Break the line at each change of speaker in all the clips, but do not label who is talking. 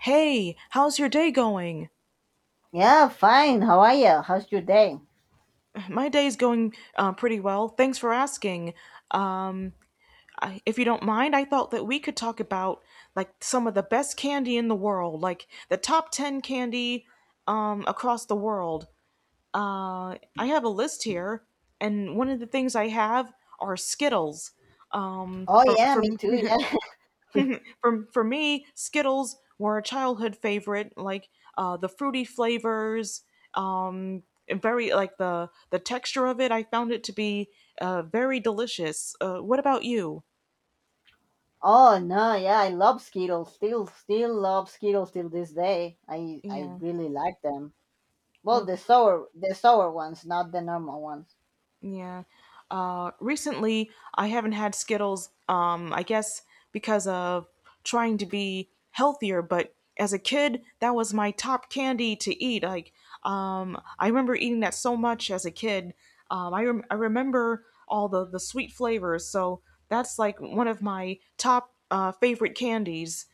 Hey, how's your day going?
Yeah, fine. How are you? How's your day?
My day's going pretty well. Thanks for asking. Um, if you don't mind, I thought that we could talk about like some of the best candy in the world, like the top 10 candy across the world. I have a list here, and one of the things I have are Skittles
Oh yeah, me
from
too. Yeah.
For me, Skittles were a childhood favorite. Like the fruity flavors, um, and very like the texture of it. I found it to be very delicious. What about you?
Oh no, yeah, I love Skittles. Still love Skittles till this day. I
Yeah.
really like them. Well,
Well.
the sour ones, not the normal ones.
Yeah. Recently, I haven't had Skittles, I guess because of trying to be healthier, but as a kid, that was my top candy to eat. Like, I remember eating that so much as a kid. I remember all the sweet flavors, so that's like one of my top favorite candies.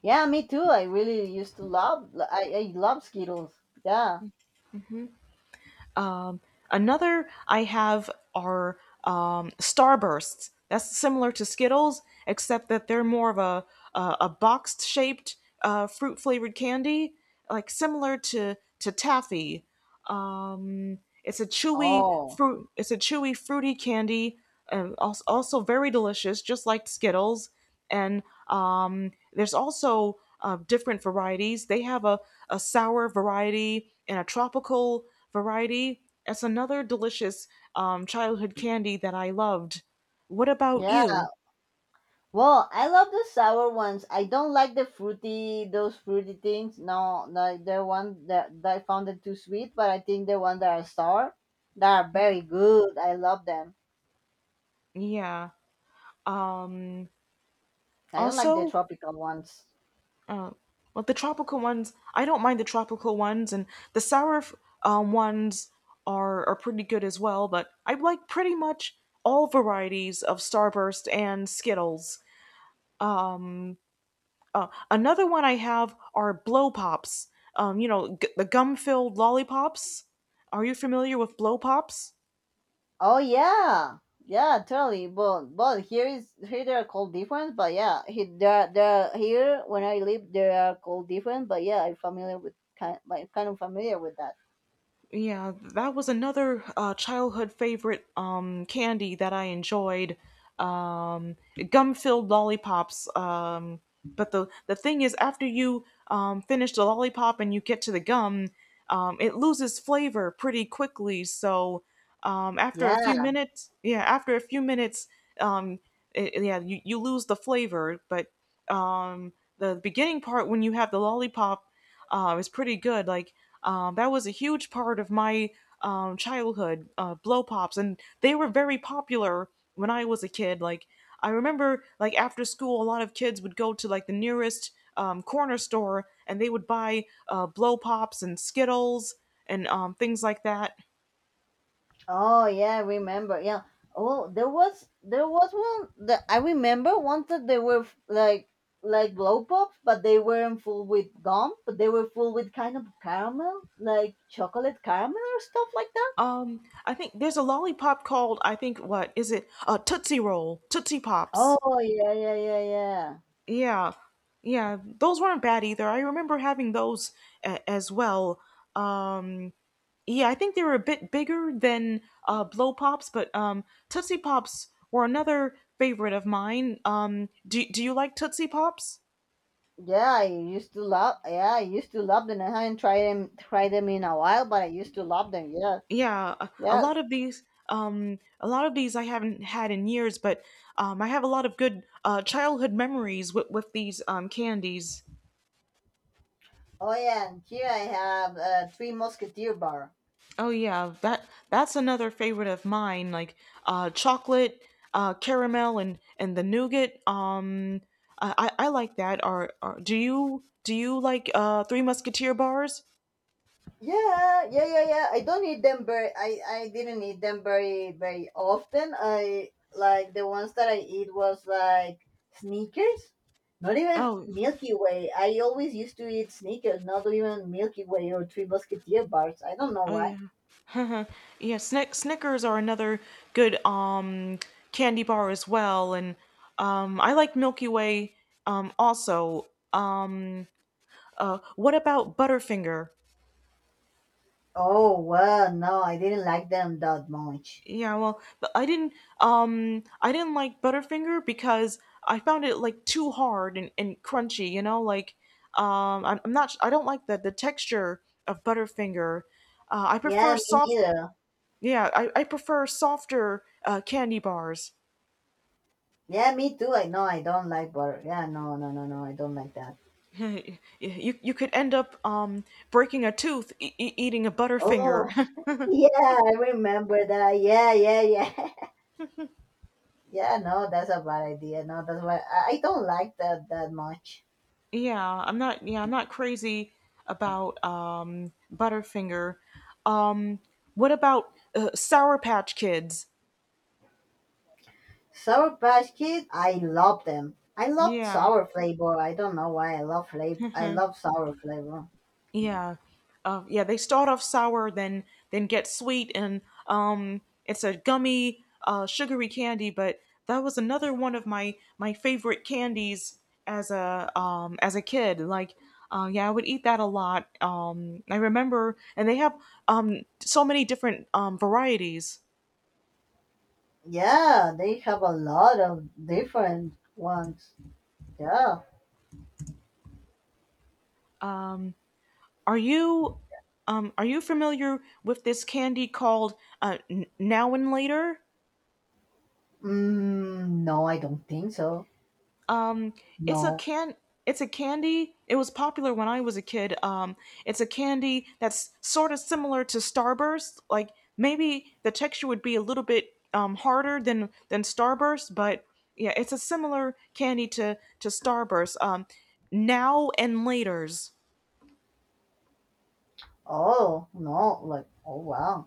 Yeah, me too. I really used to love. I love Skittles. Yeah.
Another I have are Starbursts. That's similar to Skittles, except that they're more of a box shaped fruit flavored candy, like similar to taffy. It's a chewy
Oh.
fruit. It's a chewy fruity candy, also very delicious, just like Skittles. And there's also different varieties. They have a sour variety and a tropical variety. It's another delicious childhood candy that I loved. What about
Yeah,
you?
well, I love the sour ones. I don't like the fruity, those fruity things. No, no, the one that I found it too sweet, but I think the ones that are sour, that are very good. I love them.
Yeah. Um,
I don't like the
Also,
tropical ones.
like the tropical ones, I don't mind the tropical ones, and the sour ones are pretty good as well. But I like pretty much all varieties of Starburst and Skittles. Another one I have are blow pops. The gum filled lollipops. Are you familiar with blow pops?
Oh yeah, yeah, totally. But here is here they are called different. But yeah, he they're here when I live they are called different. But yeah, I'm familiar with kind, like, kind of familiar with that.
Yeah, that was another childhood favorite candy that I enjoyed. Um, Gum-filled lollipops. But the thing is, after you finish the lollipop and you get to the gum, it loses flavor pretty quickly. So after a few
Yeah.
minutes, yeah, after a few minutes, um, yeah, you lose the flavor. But um, the beginning part when you have the lollipop is pretty good. Like that was a huge part of my childhood. Blow pops, and they were very popular when I was a kid. Like I remember, like after school, a lot of kids would go to like the nearest corner store and they would buy blow pops and Skittles and things like that.
Oh yeah, I remember. Yeah. Oh, there was one that I remember once that like blow pops, but they weren't full with gum, but they were full with kind of caramel, like chocolate caramel or stuff like that.
I think there's a lollipop called, I think. What is it? Tootsie Roll, Tootsie Pops.
Oh yeah, yeah, yeah, yeah.
Yeah, yeah, those weren't bad either. I remember having those as well. Um, yeah, I think they were a bit bigger than blow pops, but Tootsie Pops were another favorite of mine. Do you like Tootsie Pops?
Yeah, I used to love. Yeah, I used to love them. I haven't tried them in a while, but I used to love them. Yeah,
Yeah, a
yeah.
lot of these, a lot of these I haven't had in years, but I have a lot of good childhood memories with these candies.
Oh yeah, and here I have three musketeer bar.
Oh yeah, that's another favorite of mine. Like chocolate, caramel, and the nougat. I I like that. Are do you like Three Musketeer bars?
Yeah, yeah, yeah, yeah. I don't need them very. I didn't eat them very often. I like the ones that I eat was like sneakers, not even
Oh
Milky Way. I always used to eat sneakers, not even Milky Way or Three Musketeer bars. I don't know
oh
why.
yeah, yeah. Snickers are another good candy bar as well, and I like Milky Way also. um what about Butterfinger?
Oh well, no, I didn't like them that much.
Yeah, well, but I didn't like Butterfinger because I found it like too hard and crunchy, you know, like I'm not s- I don't like the texture of Butterfinger. I prefer
Yeah, me
soft
neither.
Yeah, I prefer softer candy bars.
Yeah, me too. I know I don't like butter. Yeah, no, no, no, no. I don't like that.
You could end up breaking a tooth eating a Butterfinger.
Oh, yeah, I remember that. Yeah, yeah, yeah. Yeah, no, that's a bad idea. No, that's why I don't like that that much.
Yeah, I'm not. Yeah, I'm not crazy about Butterfinger. Um, what about Sour Patch Kids?
Sour Patch Kids, I love them. I love
Yeah,
sour flavor. I don't know why I love flavor. I love sour flavor.
yeah, yeah. They start off sour, then get sweet, and it's a gummy, sugary candy. But that was another one of my favorite candies as a kid. Like, yeah, I would eat that a lot. I remember, and they have so many different varieties.
Yeah, they have a lot of different ones. Yeah.
Are you are you familiar with this candy called Now and Later?
No, I don't think so.
Um it's a
No.
can it's a candy. It was popular when I was a kid. It's a candy that's sort of similar to Starburst. Like maybe the texture would be a little bit harder than Starburst, but yeah, it's a similar candy to Starburst. Now and Later's.
Oh, no. Like, oh, wow.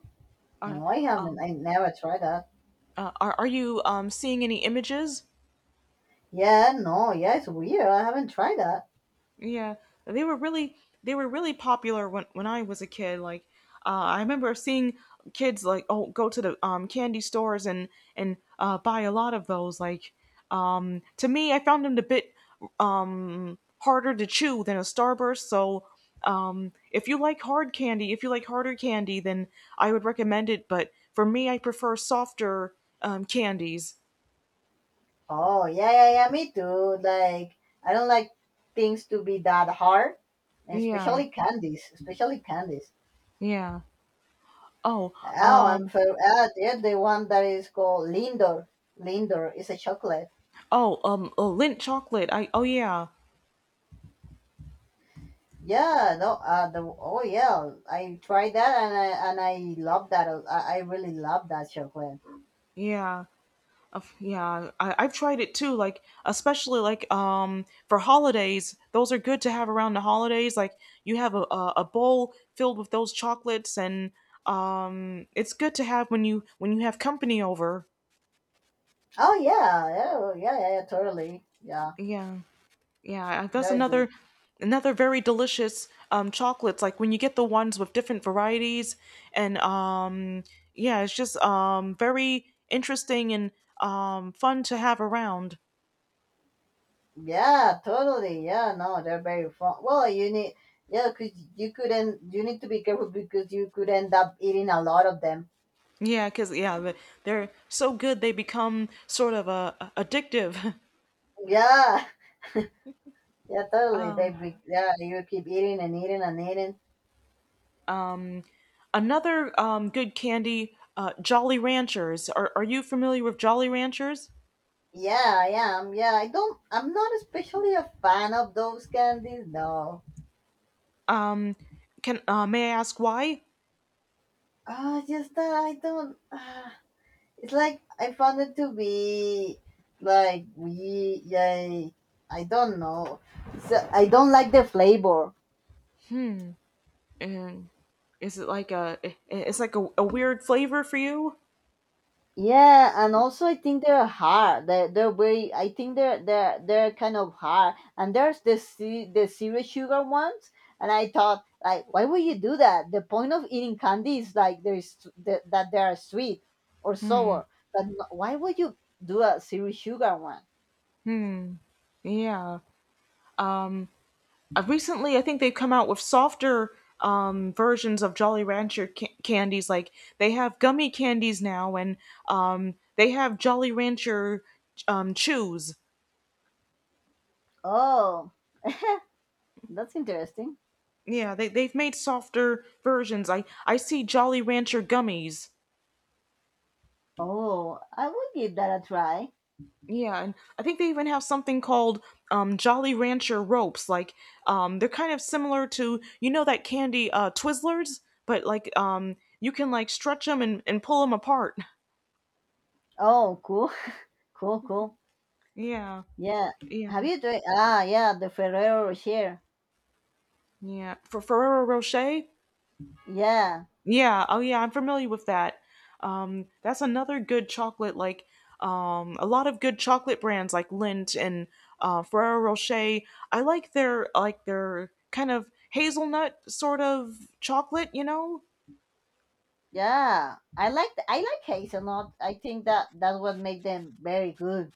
No, I haven't. I never tried that.
Are you seeing any images?
Yeah, no. Yeah, it's weird. I haven't tried that.
Yeah, they were really they were really popular when I was a kid. Like, uh, I remember seeing kids like oh go to the candy stores and buy a lot of those. Like, to me, I found them a bit harder to chew than a Starburst. So, if you like hard candy, if you like harder candy, then I would recommend it. But for me, I prefer softer candies.
Oh, yeah, yeah, yeah, me too. Like, I don't like things to be that hard, and
Yeah,
especially candies, especially candies.
yeah. Oh,
Oh,
um,
yeah, the one that is called Lindor. Lindor is a chocolate.
Oh, Lindt chocolate. I oh Yeah,
Yeah, no, oh yeah, I tried that and and I love that. I really love that chocolate.
yeah, yeah. I've tried it too. Like especially like for holidays, those are good to have around the holidays. Like you have a bowl filled with those chocolates, and it's good to have when you have company over.
Oh yeah, yeah, yeah, yeah, yeah, totally. Yeah,
Yeah. Yeah, that's
very good.
another very delicious chocolates like when you get the ones with different varieties and yeah, it's just very interesting and fun to have around.
Yeah, totally. Yeah, no, they're very fun. Well, you need, yeah, because you could end, you need to be careful because you could end up eating a lot of them.
Yeah, cuz yeah, they're so good they become sort of addictive.
Yeah, yeah, totally. They, be, yeah, you keep eating and eating and eating.
Another good candy Jolly Ranchers. Are you familiar with Jolly Ranchers?
Yeah, I am. Yeah, I don't, I'm not especially a fan of those candies. No.
Um can May I ask why?
Ah, just that I don't, it's like I found it to be like, we, yeah, I don't know. So I don't like the flavor.
And is it like a? It's like a weird flavor for you?
Yeah, and also I think they're hard. They're very. I think they're kind of hard. And there's the serious sugar ones. And I thought, like, why would you do that? The point of eating candy is like there is that they are sweet or sour. But why would you do a serious sugar one?
Yeah. Recently, I think they've come out with softer versions of Jolly Rancher candies. Like they have gummy candies now, and they have Jolly Rancher chews.
Oh, that's interesting.
Yeah, they've made softer versions. I see Jolly Rancher gummies.
Oh, I will give that a try.
Yeah, and I think they even have something called Jolly Rancher ropes. Like they're kind of similar to you know that candy Twizzlers, but like you can like stretch them and pull them apart.
Oh, cool, cool, cool.
Yeah,
Yeah. Have
yeah,
you tried? Ah, yeah, the Ferrero Rocher.
yeah. For Ferrero Rocher,
Yeah.
yeah, oh yeah, I'm familiar with that. That's another good chocolate. Like a lot of good chocolate brands like Lindt and Ferrero Rocher. I like their kind of hazelnut sort of chocolate. You know.
Yeah, I like hazelnut. I think that that's what make them very good.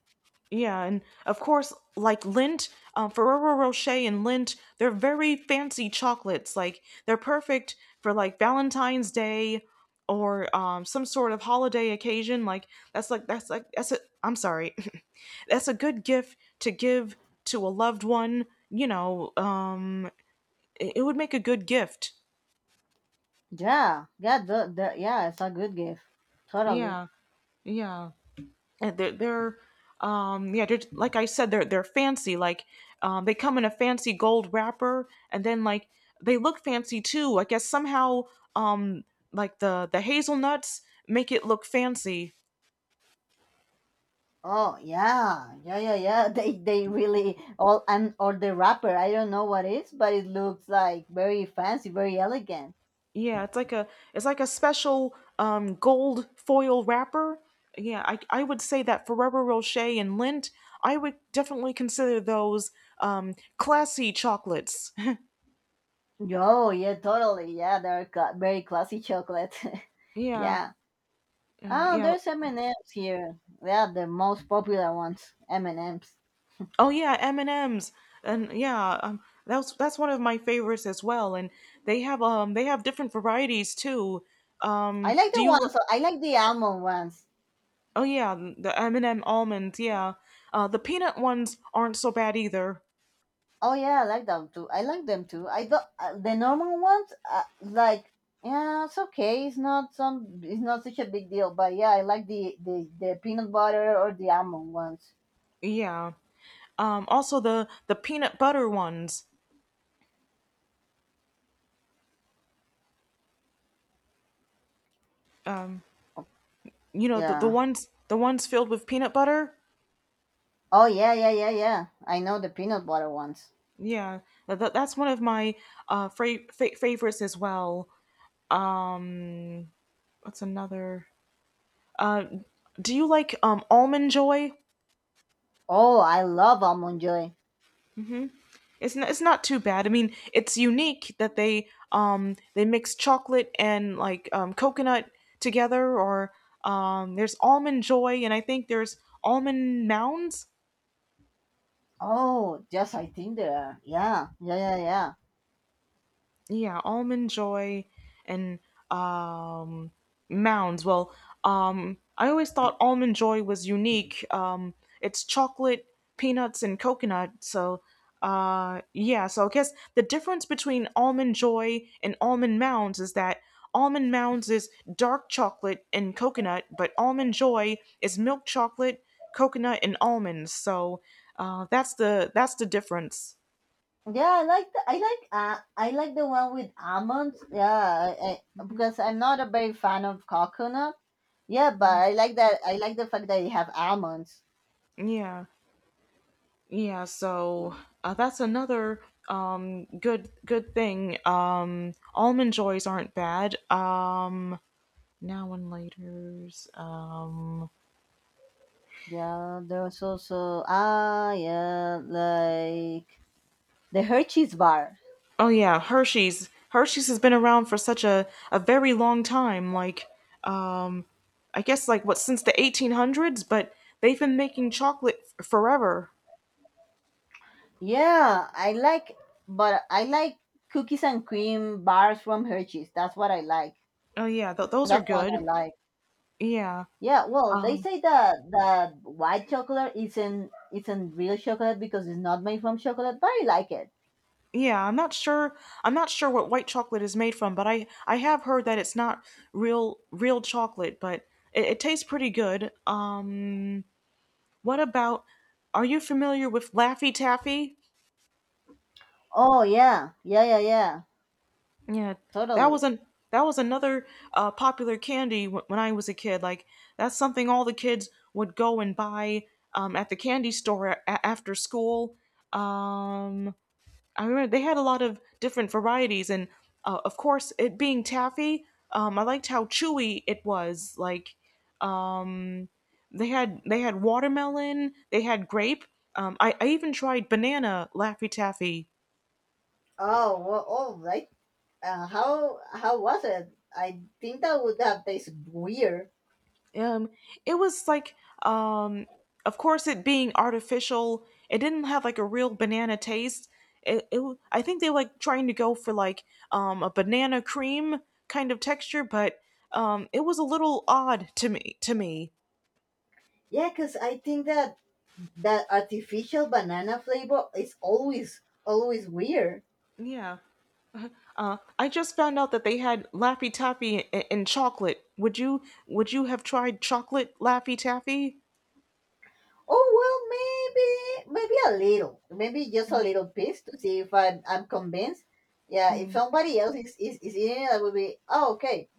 Yeah, and of course, like Lindt, Ferrero Rocher and Lindt, they're very fancy chocolates. Like they're perfect for like Valentine's Day or some sort of holiday occasion. Like that's it. I'm sorry. That's a good gift to give to a loved one, you know. It would make a good gift,
Yeah, yeah, the, yeah. It's a good gift. Totally.
yeah, yeah, and they're yeah, they're, like I said, they're fancy. Like they come in a fancy gold wrapper, and then like they look fancy too, I guess somehow. um like the hazelnuts make it look fancy.
Oh yeah, yeah, yeah, yeah. They really all and or the wrapper. I don't know what it is, but it looks like very fancy, very elegant.
Yeah, it's like a special gold foil wrapper. Yeah, I would say that Ferrero Rocher and Lindt, I would definitely consider those classy chocolates.
Yo, yeah, totally. Yeah, very classy chocolate.
Yeah.
Yeah. Oh,
Yeah.
there's M and M's here. Yeah, the most popular ones, M and M's.
Oh yeah, M&Ms. And M's, and yeah, that's one of my favorites as well, and they have different varieties too.
I
Um
like
do
the
you li-
ones. I like the almond ones.
Oh yeah, the M&M almonds, yeah. The peanut ones aren't so bad either.
Oh yeah, I like them too. I like them too. I don't the normal ones. Like yeah, it's okay. It's not some. It's not such a big deal. But yeah, I like the peanut butter or the almond ones.
Yeah. Also the peanut butter ones. You know the
Yeah.
ones filled with peanut butter.
Oh yeah, yeah, yeah, yeah. I know the peanut butter ones.
Yeah, that's one of my favorites as well. Um, what's another? Uh, do you like almond joy?
Oh, I love almond joy.
It's not too bad. I mean, it's unique that they mix chocolate and like coconut together. Or there's almond joy, and I think there's almond mounds.
Oh, yes, I think they are. Yeah, yeah, yeah, yeah.
Yeah, almond joy and um mounds. Well, I always thought almond joy was unique. It's chocolate, peanuts, and coconut. So yeah, so I guess the difference between almond joy and almond mounds is that almond mounds is dark chocolate and coconut, but almond joy is milk chocolate, coconut, and almonds. So that's the difference.
Yeah, I like the one with almonds. Yeah,
Mhm,
because I'm not a very fan of coconut. Yeah, but
mhm.
I like that. I like the fact that you have almonds.
Yeah. Yeah, so that's another good thing. Almond joys aren't bad. Now and Later's.
Yeah, there was also ah yeah like the Hershey's bar.
Oh yeah, Hershey's. Hershey's has been around for such a very long time. Like um I guess like what, since the 1800s. But they've been making chocolate forever.
Yeah, I like, but I like cookies and cream bars from Hershey's. That's what I like.
Oh yeah, those are
That's one I
good.
like.
Yeah.
Yeah, well, they
um,
say that that white chocolate isn't real chocolate because it's not made from chocolate, but I like it.
Yeah, I'm not sure. I'm not sure what white chocolate is made from, but I have heard that it's not real chocolate, but it tastes pretty good. What about? Are you familiar with Laffy Taffy?
Oh yeah, yeah, yeah, yeah,
Yeah, that was
totally.
an that was another popular candy when I was a kid. Like that's something all the kids would go and buy at the candy store after school. Um, I remember they had a lot of different varieties, and of course, it being taffy, I liked how chewy it was. Like they had watermelon, they had grape. I even tried banana laffy taffy.
Oh well, oh right. How was it? I think that would have tasted weird.
Um, it was like, um, of course, it being artificial, it didn't have like a real banana taste. I think they were like trying to go for like a banana cream kind of texture, but it was a little odd to me.
Yeah, cause I think that that artificial banana flavor is always always weird.
Yeah. I just found out that they had Laffy Taffy and chocolate. Would you have tried chocolate Laffy Taffy?
Oh well, maybe, maybe a little, maybe just a little piece to see if I'm convinced. Yeah, if somebody else is eating it, I would be oh okay,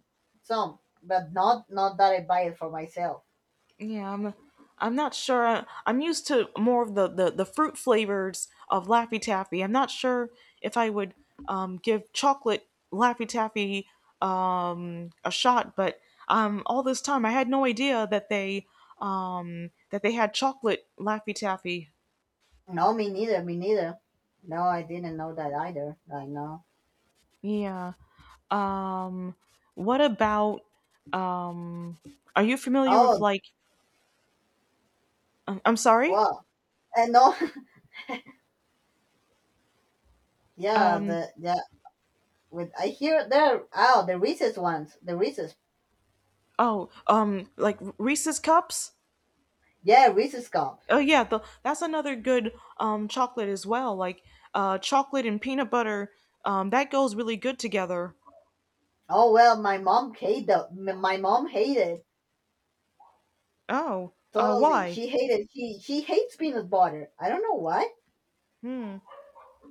some, but not not that I buy it for myself.
Yeah, I'm not sure. I'm used to more of the fruit flavors of Laffy Taffy. I'm not sure if I would give chocolate Laffy Taffy a shot, but all this time I had no idea that they had chocolate Laffy Taffy.
No, me neither, me neither. No, I didn't know that either. I know.
Yeah. Um, what about um are you familiar with
Oh
like I'm sorry?
wow, and no, yeah,
Um
the yeah. With I hear there, oh the Reese's ones, the Reese's.
oh, like Reese's cups?
Yeah, Reese's cups.
Oh yeah, that's another good chocolate as well. Like chocolate and peanut butter, that goes really good together.
Oh well, my mom hated. My mom hated
Oh,
totally.
why?
She hated she hates peanut butter. I don't know why.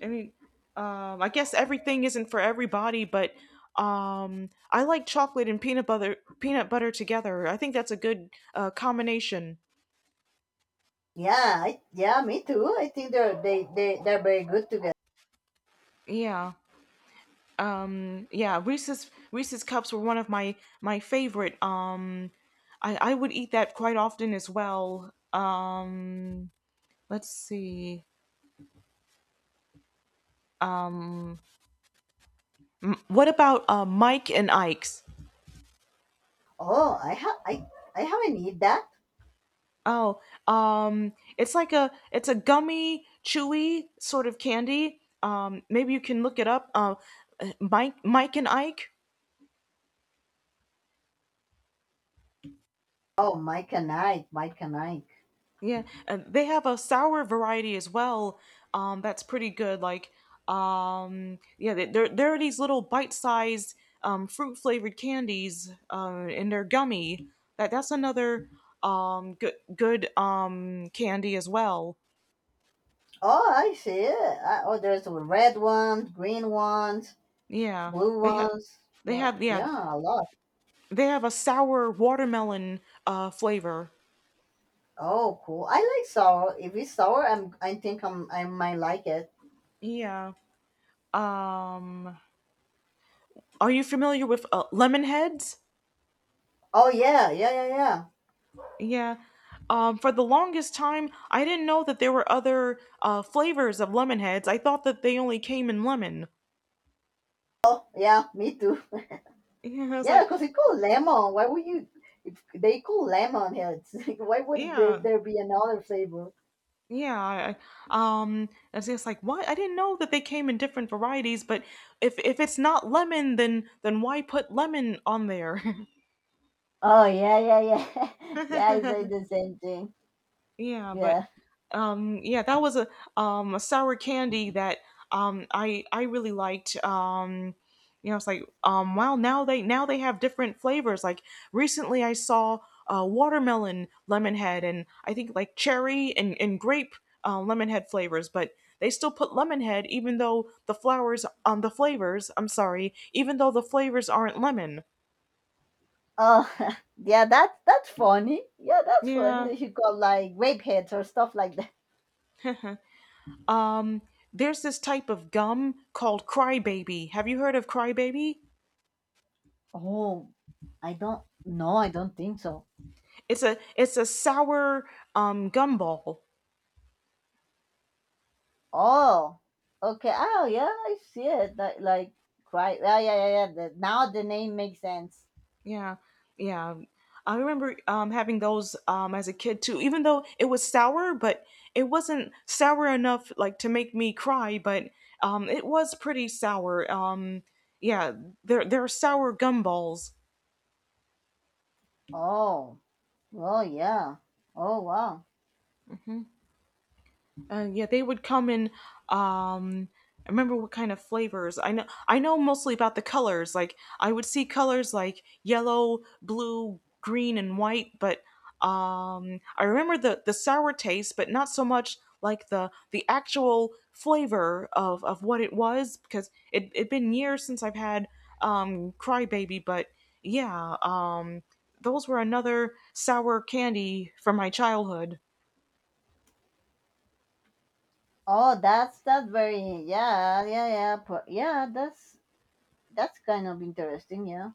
I mean, I guess everything isn't for everybody, but I like chocolate and peanut butter together. I think that's a good combination.
Yeah, yeah, me too. I think they're they they're very good together.
Yeah. Yeah, Reese's cups were one of my my favorite. I would eat that quite often as well. Let's see. What about Mike and Ike's?
Oh, I I haven't eat that.
oh um, it's like a it's a gummy chewy sort of candy. Maybe you can look it up. Mike and Ike.
Oh, Mike and Ike, Mike and Ike.
Yeah, they have a sour variety as well. That's pretty good. Like, yeah, there there are these little bite-sized fruit-flavored candies, and they're gummy. That's another good candy as well.
Oh, I see. Oh, there's the red ones, green ones,
Yeah,
blue
they have
ones.
they have yeah
Yeah, a lot.
they have a sour watermelon flavor.
Oh, cool. I like sour. If it's sour, I think I'm I might like it.
Yeah. Um, are you familiar with lemon heads?
Oh yeah, yeah, yeah, yeah.
Yeah. For the longest time, I didn't know that there were other flavors of lemon heads. I thought that they only came in lemon.
Oh yeah, me too.
Yeah, I was
Yeah,
like,
because it's called lemon. Why would you? If they call lemon heads, why would the,
yeah,
there be another flavor?
yeah. I, I was just like, what? I didn't know that they came in different varieties. But if it's not lemon, then why put lemon on there?
Oh yeah, yeah, yeah, yeah. I say the same thing.
Yeah, but
Yeah.
yeah, that was a sour candy that I really liked. You know, it's like, wow, now they, now they have different flavors. Like recently I saw watermelon lemon head and I think like cherry and grape lemon head flavors, but they still put lemon head even though the flowers, the flavors, I'm sorry, even though the flavors aren't lemon.
Oh, yeah. That's funny. Yeah, that's funny.
Yeah.
They should call like grape heads or stuff like that.
There's this type of gum called crybaby. Have you heard of crybaby?
Oh, I don't. No, I don't think so.
It's a sour gumball.
Oh, okay. Oh yeah, I see it. Like right. Yeah, yeah, yeah, yeah. The, now the name makes sense.
Yeah, yeah. I remember, having those, as a kid too. Even though it was sour, but it wasn't sour enough like to make me cry. But it was pretty sour. Yeah, they're sour gumballs.
Oh. Oh yeah. Oh wow.
Yeah, they would come in. Um, I remember what kind of flavors. I know. I know mostly about the colors. Like I would see colors like yellow, blue, green, and white. But I remember the sour taste, but not so much like the actual flavor of what it was because it'd been years since I've had Crybaby. But yeah, those were another sour candy from my childhood.
Oh, that's very yeah yeah yeah yeah that's kind of interesting yeah.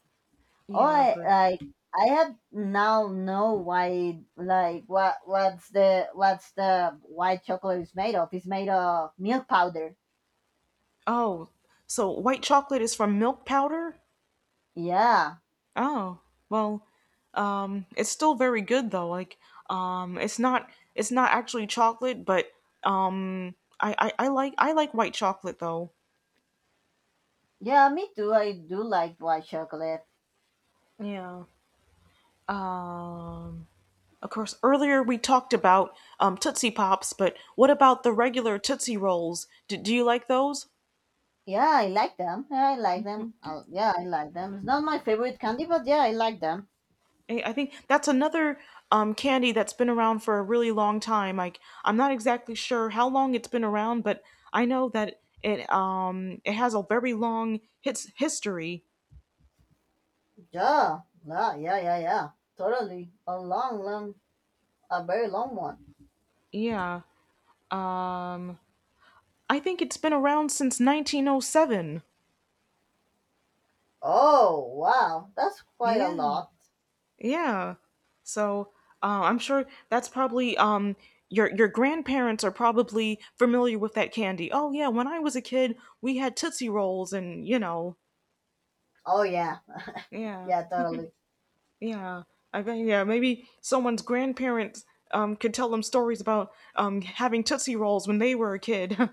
Oh,
Yeah,
I
but.
like I had now know why like what what's the white chocolate is made of? It's made of milk powder.
Oh, so white chocolate is from milk powder?
Yeah
Oh, well, it's still very good though. Like, um, it's not it's not actually chocolate, but I like white chocolate though.
yeah me too. I do like white chocolate.
Yeah. Um, of course, earlier we talked about Tootsie Pops, but what about the regular Tootsie Rolls? Do you like those?
Yeah, I like them. Yeah, I like them. Yeah, I like them. It's not my favorite candy, but yeah, I like them.
I think that's another candy that's been around for a really long time. Like I'm not exactly sure how long it's been around, but I know that it, it has a very long hits history.
Yeah yeah yeah yeah yeah. Totally a long long a very long one.
Yeah. Um, I think it's been around since 1907.
Oh, wow. That's quite a
Yeah.
lot.
Yeah. So I'm sure that's probably, your grandparents are probably familiar with that candy. Oh yeah, when I was a kid, we had Tootsie Rolls, and you know,
Oh, yeah.
yeah.
Yeah, totally.
Yeah, I think yeah, maybe someone's grandparents could tell them stories about having Tootsie Rolls when they were a kid.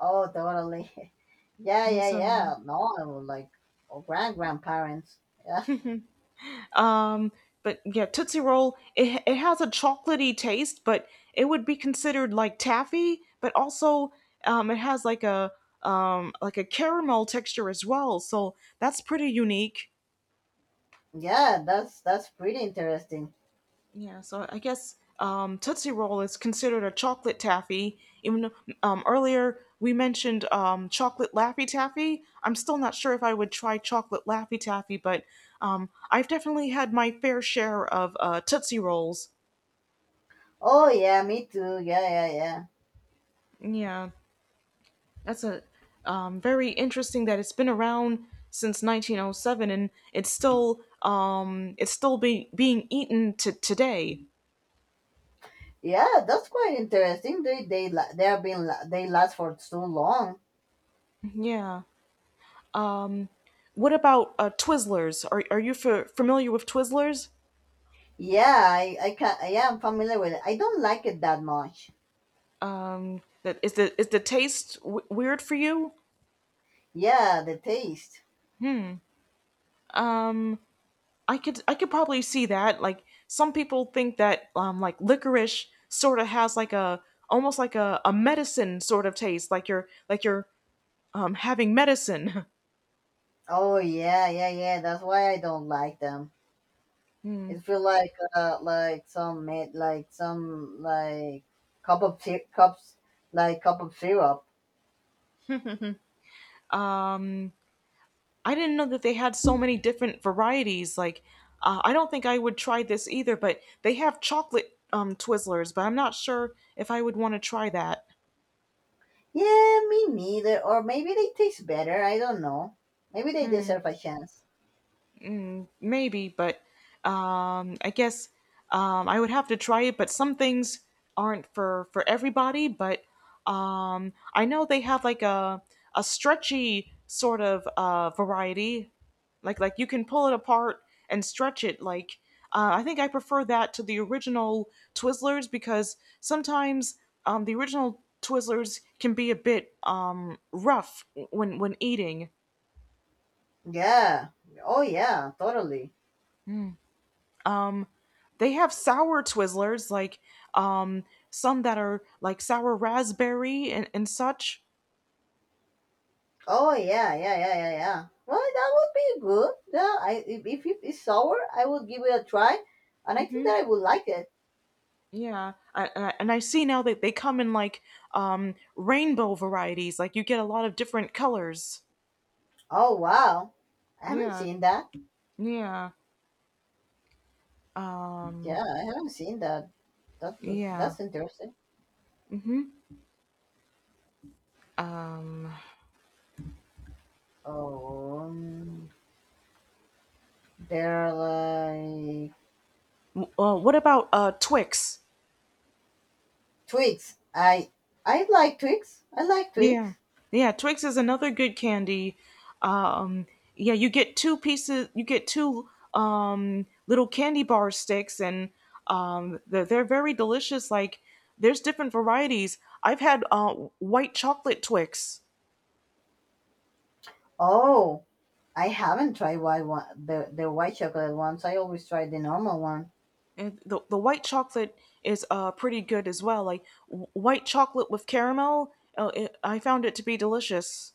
Oh, totally. yeah,
Yeah,
yeah,
so
yeah. No, I would like or grand grandparents. Yeah.
um but yeah, Tootsie Roll, it has a chocolatey taste, but it would be considered like taffy, but also it has like a caramel texture as well. So that's pretty unique.
Yeah, that's pretty interesting.
Yeah, so I guess, Tootsie Roll is considered a chocolate taffy. Even though, earlier we mentioned, chocolate Laffy Taffy. I'm still not sure if I would try chocolate Laffy Taffy, but I've definitely had my fair share of Tootsie Rolls.
Oh, yeah, me too. Yeah, yeah, yeah.
Yeah, that's a very interesting that it's been around since 1907 and it's still being eaten to today.
Yeah, that's quite interesting. They have been they last for so long.
Yeah. What about Twizzlers? Are you familiar with Twizzlers?
Yeah, I can yeah, I'm familiar with it. I don't like it that much.
That is the taste weird for you?
Yeah, the taste.
I could probably see that. Like some people think that like licorice sort of has like a almost like a medicine sort of taste, like you're having medicine.
Oh yeah, yeah, yeah. That's why I don't like them. It feel like some made like some like cups like cup of syrup.
I didn't know that they had so many different varieties. Like I don't think I would try this either, but they have chocolate Twizzlers, but I'm not sure if I would want to try that.
Yeah, me neither. Or maybe they taste better. I don't know. Maybe they deserve a chance.
Maybe, but I guess I would have to try it. But some things aren't for everybody. But I know they have like a stretchy sort of variety, like you can pull it apart and stretch it. Like I think I prefer that to the original Twizzlers because sometimes, the original Twizzlers can be a bit, rough when eating.
Yeah. Oh yeah. Totally.
They have sour Twizzlers, like um, some that are like sour raspberry and such.
Oh yeah. Yeah. Yeah. Yeah. Yeah. Well, that would be good. Yeah. I if it is sour, I would give it a try, and I think
hmm
that I would like it.
Yeah, and I see now that they come in like, rainbow varieties. Like you get a lot of different colors.
Oh wow. I haven't
Yeah,
seen that.
yeah, um,
Yeah, I haven't seen that. That look
yeah.
that's interesting.
hmm
Oh, they're like
What about Twix?
Twix. I like Twix. I like Twix.
Yeah. Yeah, Twix is another good candy. Um yeah, you get two little candy bar sticks and they're very delicious. Like there's different varieties. I've had white chocolate Twix.
Oh, I haven't tried white one, the white chocolate ones. I always try the normal one.
And the white chocolate is pretty good as well. Like white chocolate with caramel, I found it to be delicious.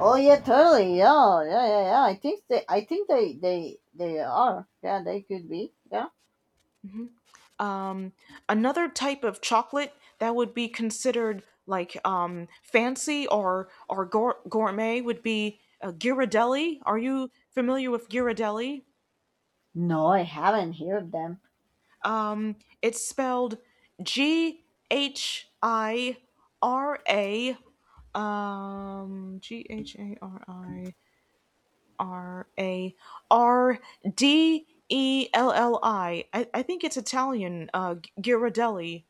Oh yeah, totally. Yeah, yeah, yeah, yeah. I think they I think they they are. Yeah, they could be. Yeah.
Um, another type of chocolate that would be considered like, fancy or gourmet would be Ghirardelli. Are you familiar with Ghirardelli?
No, I haven't heard them.
Um, it's spelled G H I R A Ghirardelli. I think it's Italian. Ghirardelli.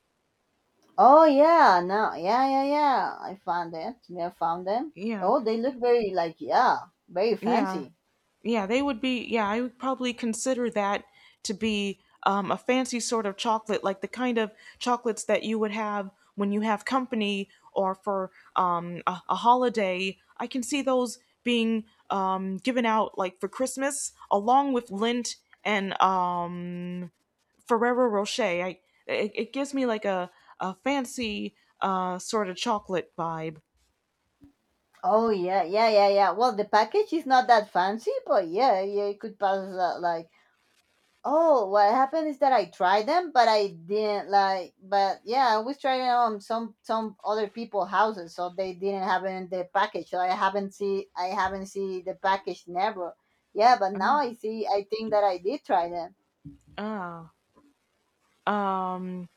Oh yeah, no, yeah, yeah, yeah. I found it. Yeah, I found them.
Yeah,
Oh, they look very like yeah, very
yeah.
fancy.
Yeah, they would be. Yeah, I would probably consider that to be, a fancy sort of chocolate, like the kind of chocolates that you would have when you have company or for, a holiday. I can see those being, given out like for Christmas, along with Lindt and, Ferrero Rocher. It gives me like a fancy sort of chocolate vibe.
Oh yeah, yeah, yeah, yeah. Well, the package is not that fancy, but yeah, yeah, it could pass as, like. Oh, what happened is that I tried them, but I didn't like. But yeah, I was trying on some other people houses, so they didn't have it in the package. So I haven't see the package never. Yeah, but now I see. I think that I did try them.
Ah, let's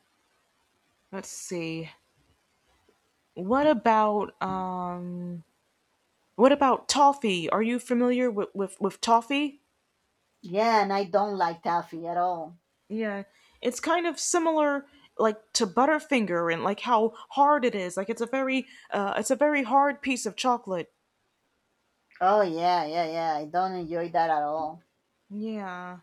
see. What about um? What about toffee? Are you familiar with, with toffee?
Yeah, and I don't like taffy at all.
Yeah. It's kind of similar like to Butterfinger and like how hard it is. Like it's a very hard piece of chocolate.
Oh yeah, yeah, yeah. I don't enjoy that at all.
Yeah.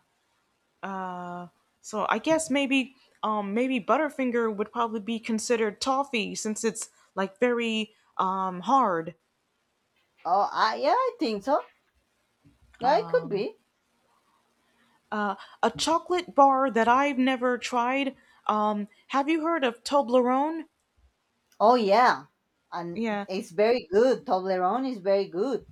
Uh, so I guess maybe maybe Butterfinger would probably be considered toffee since it's like very hard.
Oh, I yeah, I think so. Yeah, it could be.
Uh, a chocolate bar that I've never tried. Have you heard of Toblerone?
Oh yeah, and
Yeah,
it's very good. Toblerone is very good.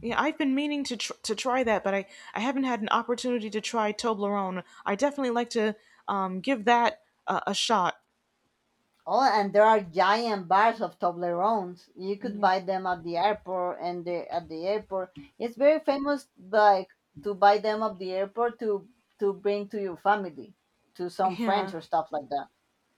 yeah, I've been meaning to to try that, but I haven't had an opportunity to try Toblerone. I definitely like to, give that a shot.
Oh, and there are giant bars of Toblerones. You could
Yeah,
buy them at the airport and at the airport. It's very famous, like to buy them at the airport to bring to your family, to some
yeah,
friends or stuff like that.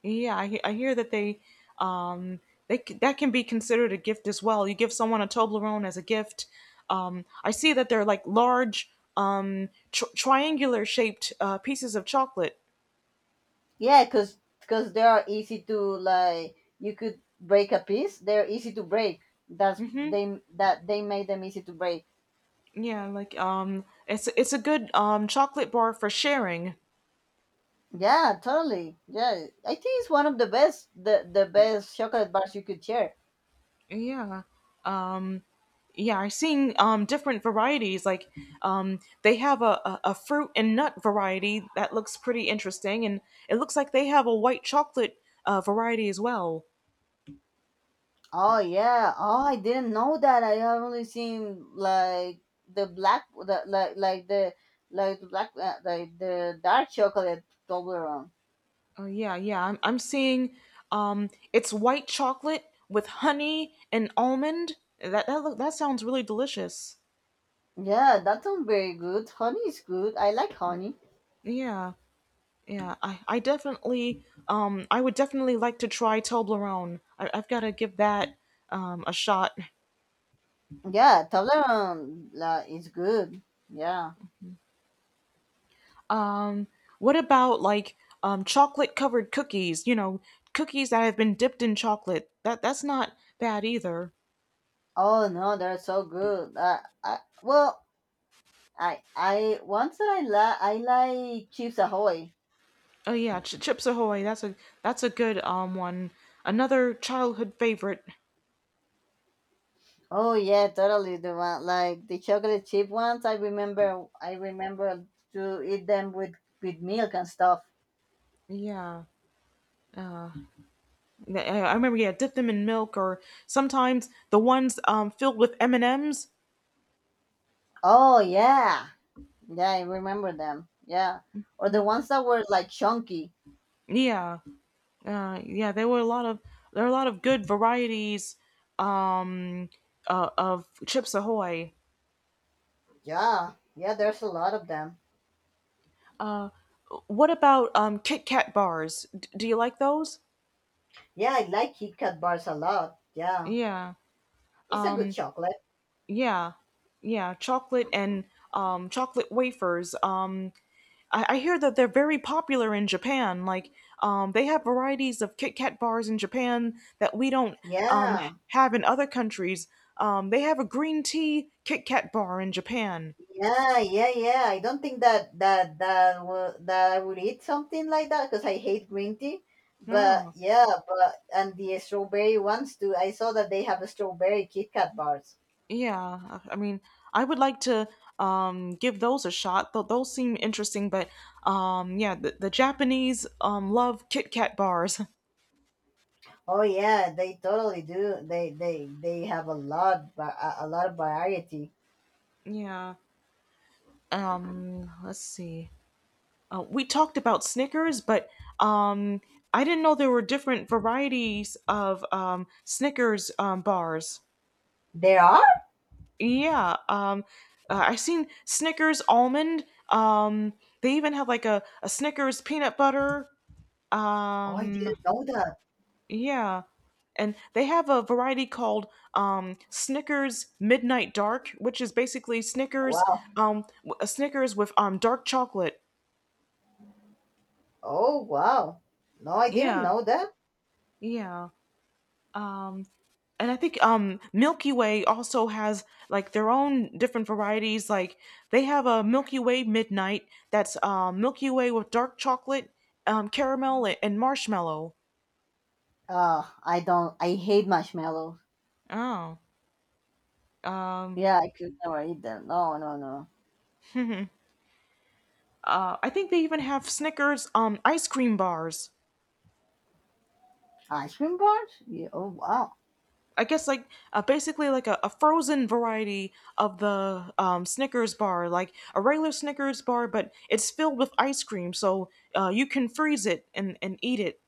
yeah. I hear that they um that can be considered a gift as well. You give someone a Toblerone as a gift. I see that they're like large triangular shaped pieces of chocolate.
Yeah, 'cause they are easy to like. You could break a piece. They're easy to break. That's
Mm-hmm.
they that they made them easy to break.
Yeah, like it's a good chocolate bar for sharing.
Yeah, totally. Yeah, I think it's one of the best, the best chocolate bars you could share.
Yeah, yeah, I've seen different varieties like they have a fruit and nut variety that looks pretty interesting, and it looks like they have a white chocolate variety as well.
Oh yeah. Oh, I didn't know that. I have only seen like the black, the black, like the dark chocolate Toblerone.
Oh yeah, I'm seeing it's white chocolate with honey and almond. That that sounds really delicious.
Yeah, that sounds very good. Honey is good. I like honey.
Yeah, I definitely I would definitely like to try Toblerone. I've got to give that a shot.
Yeah, Toblerone like, is good. Yeah.
Um, what about like chocolate covered cookies? You know, cookies that have been dipped in chocolate. That's not bad either.
Oh no, they're so good. I well, I once that I like Chips Ahoy.
Oh yeah, Chips Ahoy. That's a that's a good one. Another childhood favorite.
Oh yeah, totally. The one like the chocolate chip ones. I remember. I remember to eat them with milk and stuff.
Yeah. I remember, yeah, dip them in milk, or sometimes the ones filled with M and M's.
Oh yeah, yeah. I remember them. Yeah, or the ones that were like chunky.
Yeah, yeah, there are a lot of good varieties of Chips Ahoy.
Yeah, yeah. There's a lot of them.
What about Kit Kat bars? Do you like those?
Yeah, I like Kit Kat bars a lot. Yeah,
Yeah.
it's a good
Um
chocolate.
yeah. Yeah, chocolate and chocolate wafers. Um, I hear that they're very popular in Japan. Like they have varieties of Kit Kat bars in Japan that we don't um
Yeah.
have in other countries. Um, they have a green tea Kit Kat bar in Japan.
Yeah, yeah, yeah. I don't think that that will, that I would eat something like that because I hate green tea. But
Oh,
yeah, but and the strawberry ones too. I saw that they have a strawberry Kit Kat bars.
yeah. I mean, I would like to give those a shot. Those seem interesting, but yeah, the Japanese love Kit Kat bars.
Oh yeah, they totally do. They have a lot, a lot of variety.
Yeah. Let's see, we talked about Snickers, but um I didn't know there were different varieties of Snickers bars.
There are?
yeah um I've seen Snickers almond. um they even have like a Snickers peanut butter.
Oh, I
um
didn't know that.
yeah and they have a variety called Snickers Midnight Dark, which is basically Snickers,
Wow.
a Snickers with dark chocolate.
Oh wow. No, I didn't
Yeah,
know that.
yeah. Um, and I think Milky Way also has like their own different varieties. Like they have a Milky Way Midnight that's Milky Way with dark chocolate, caramel, and marshmallow.
I don't. I hate marshmallows.
Oh, um,
Yeah, I could never eat them. No, no, no.
I think they even have Snickers ice cream bars.
Ice cream bars? Yeah. Oh wow.
I guess like basically like a frozen variety of the Snickers bar, like a regular Snickers bar, but it's filled with ice cream, so you can freeze it and eat it.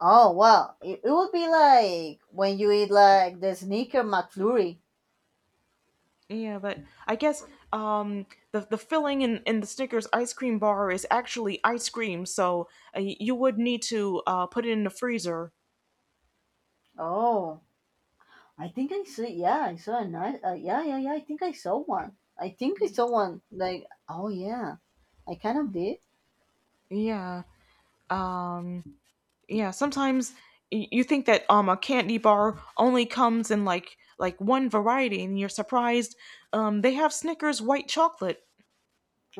Oh wow. It would be like when you eat like the sneaker McFlurry.
Yeah, but I guess um, the filling in the Snickers ice cream bar is actually ice cream, so you would need to put it in the freezer.
Oh, I think I see. Yeah, I saw a nice. Yeah, yeah, yeah. I think I saw one. I think I saw one. Like oh yeah, I kind of did.
Yeah, um, yeah. Sometimes you think that a candy bar only comes in like one variety, and you're surprised they have Snickers white chocolate.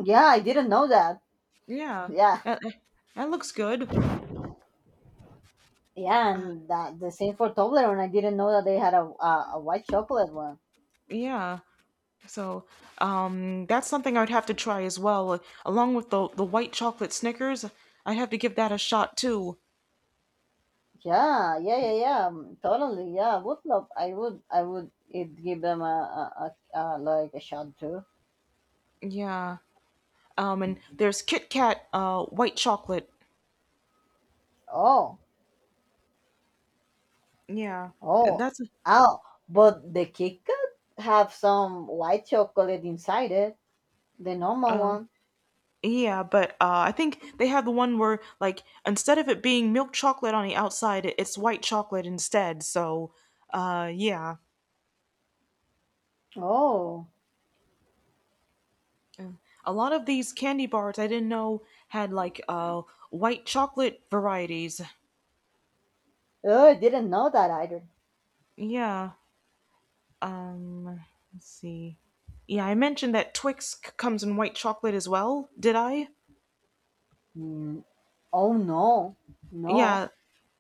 Yeah, I didn't know that.
Yeah,
Yeah,
that that looks good.
yeah,
Uh,
and that the same for Toblerone. I didn't know that they had a white chocolate one.
yeah. So that's something I would have to try as well. Along with the white chocolate Snickers, I'd have to give that a shot too.
Yeah, yeah, yeah, yeah. Totally. Yeah, I would love. I would. I would. It give them a, like a shot too.
Yeah. And there's Kit Kat white chocolate.
Oh,
Yeah,
oh,
that's
oh! But the Kit Kat have some white chocolate inside it, the normal
uh,
one.
yeah. But I think they have the one where, like, instead of it being milk chocolate on the outside, it's white chocolate instead. So yeah.
Oh,
Mm. A lot of these candy bars I didn't know had like white chocolate varieties.
oh, I didn't know that either.
Yeah. Um, let's see. Yeah, I mentioned that Twix comes in white chocolate as well. Did I?
Mm, oh no, no.
Yeah,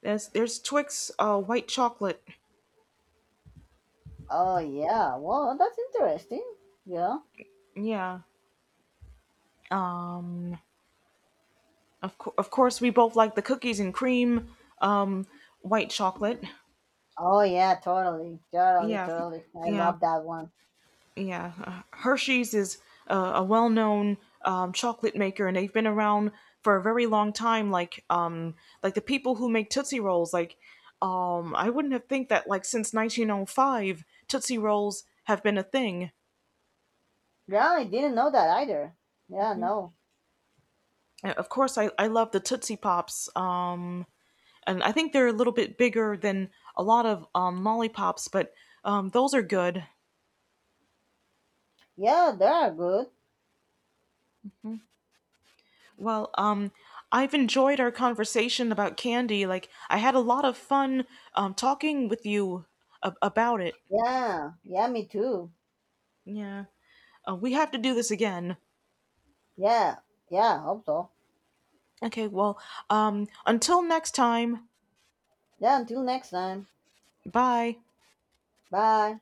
there's Twix white chocolate.
Oh yeah. Well, that's interesting. Yeah.
Yeah. um, of course we both like the cookies and cream white chocolate.
Oh yeah, totally, totally,
Yeah.
totally. I
Yeah.
love that one.
Yeah, Hershey's is a well-known chocolate maker, and they've been around for a very long time. Like the people who make Tootsie Rolls. Like, I wouldn't have think that, like, since 1905, Tootsie Rolls have been a thing.
Yeah, I didn't know that either. Yeah, no.
And of course, I love the Tootsie Pops, and I think they're a little bit bigger than a lot of lollipops, but those are good.
Yeah, they are good.
Well, I've enjoyed our conversation about candy. Like, I had a lot of fun talking with you about it.
Yeah, yeah, me too.
Yeah. We have to do this again.
Yeah, yeah, hope so.
Okay, well, until next time,
Yeah, until next time.
bye.
Bye.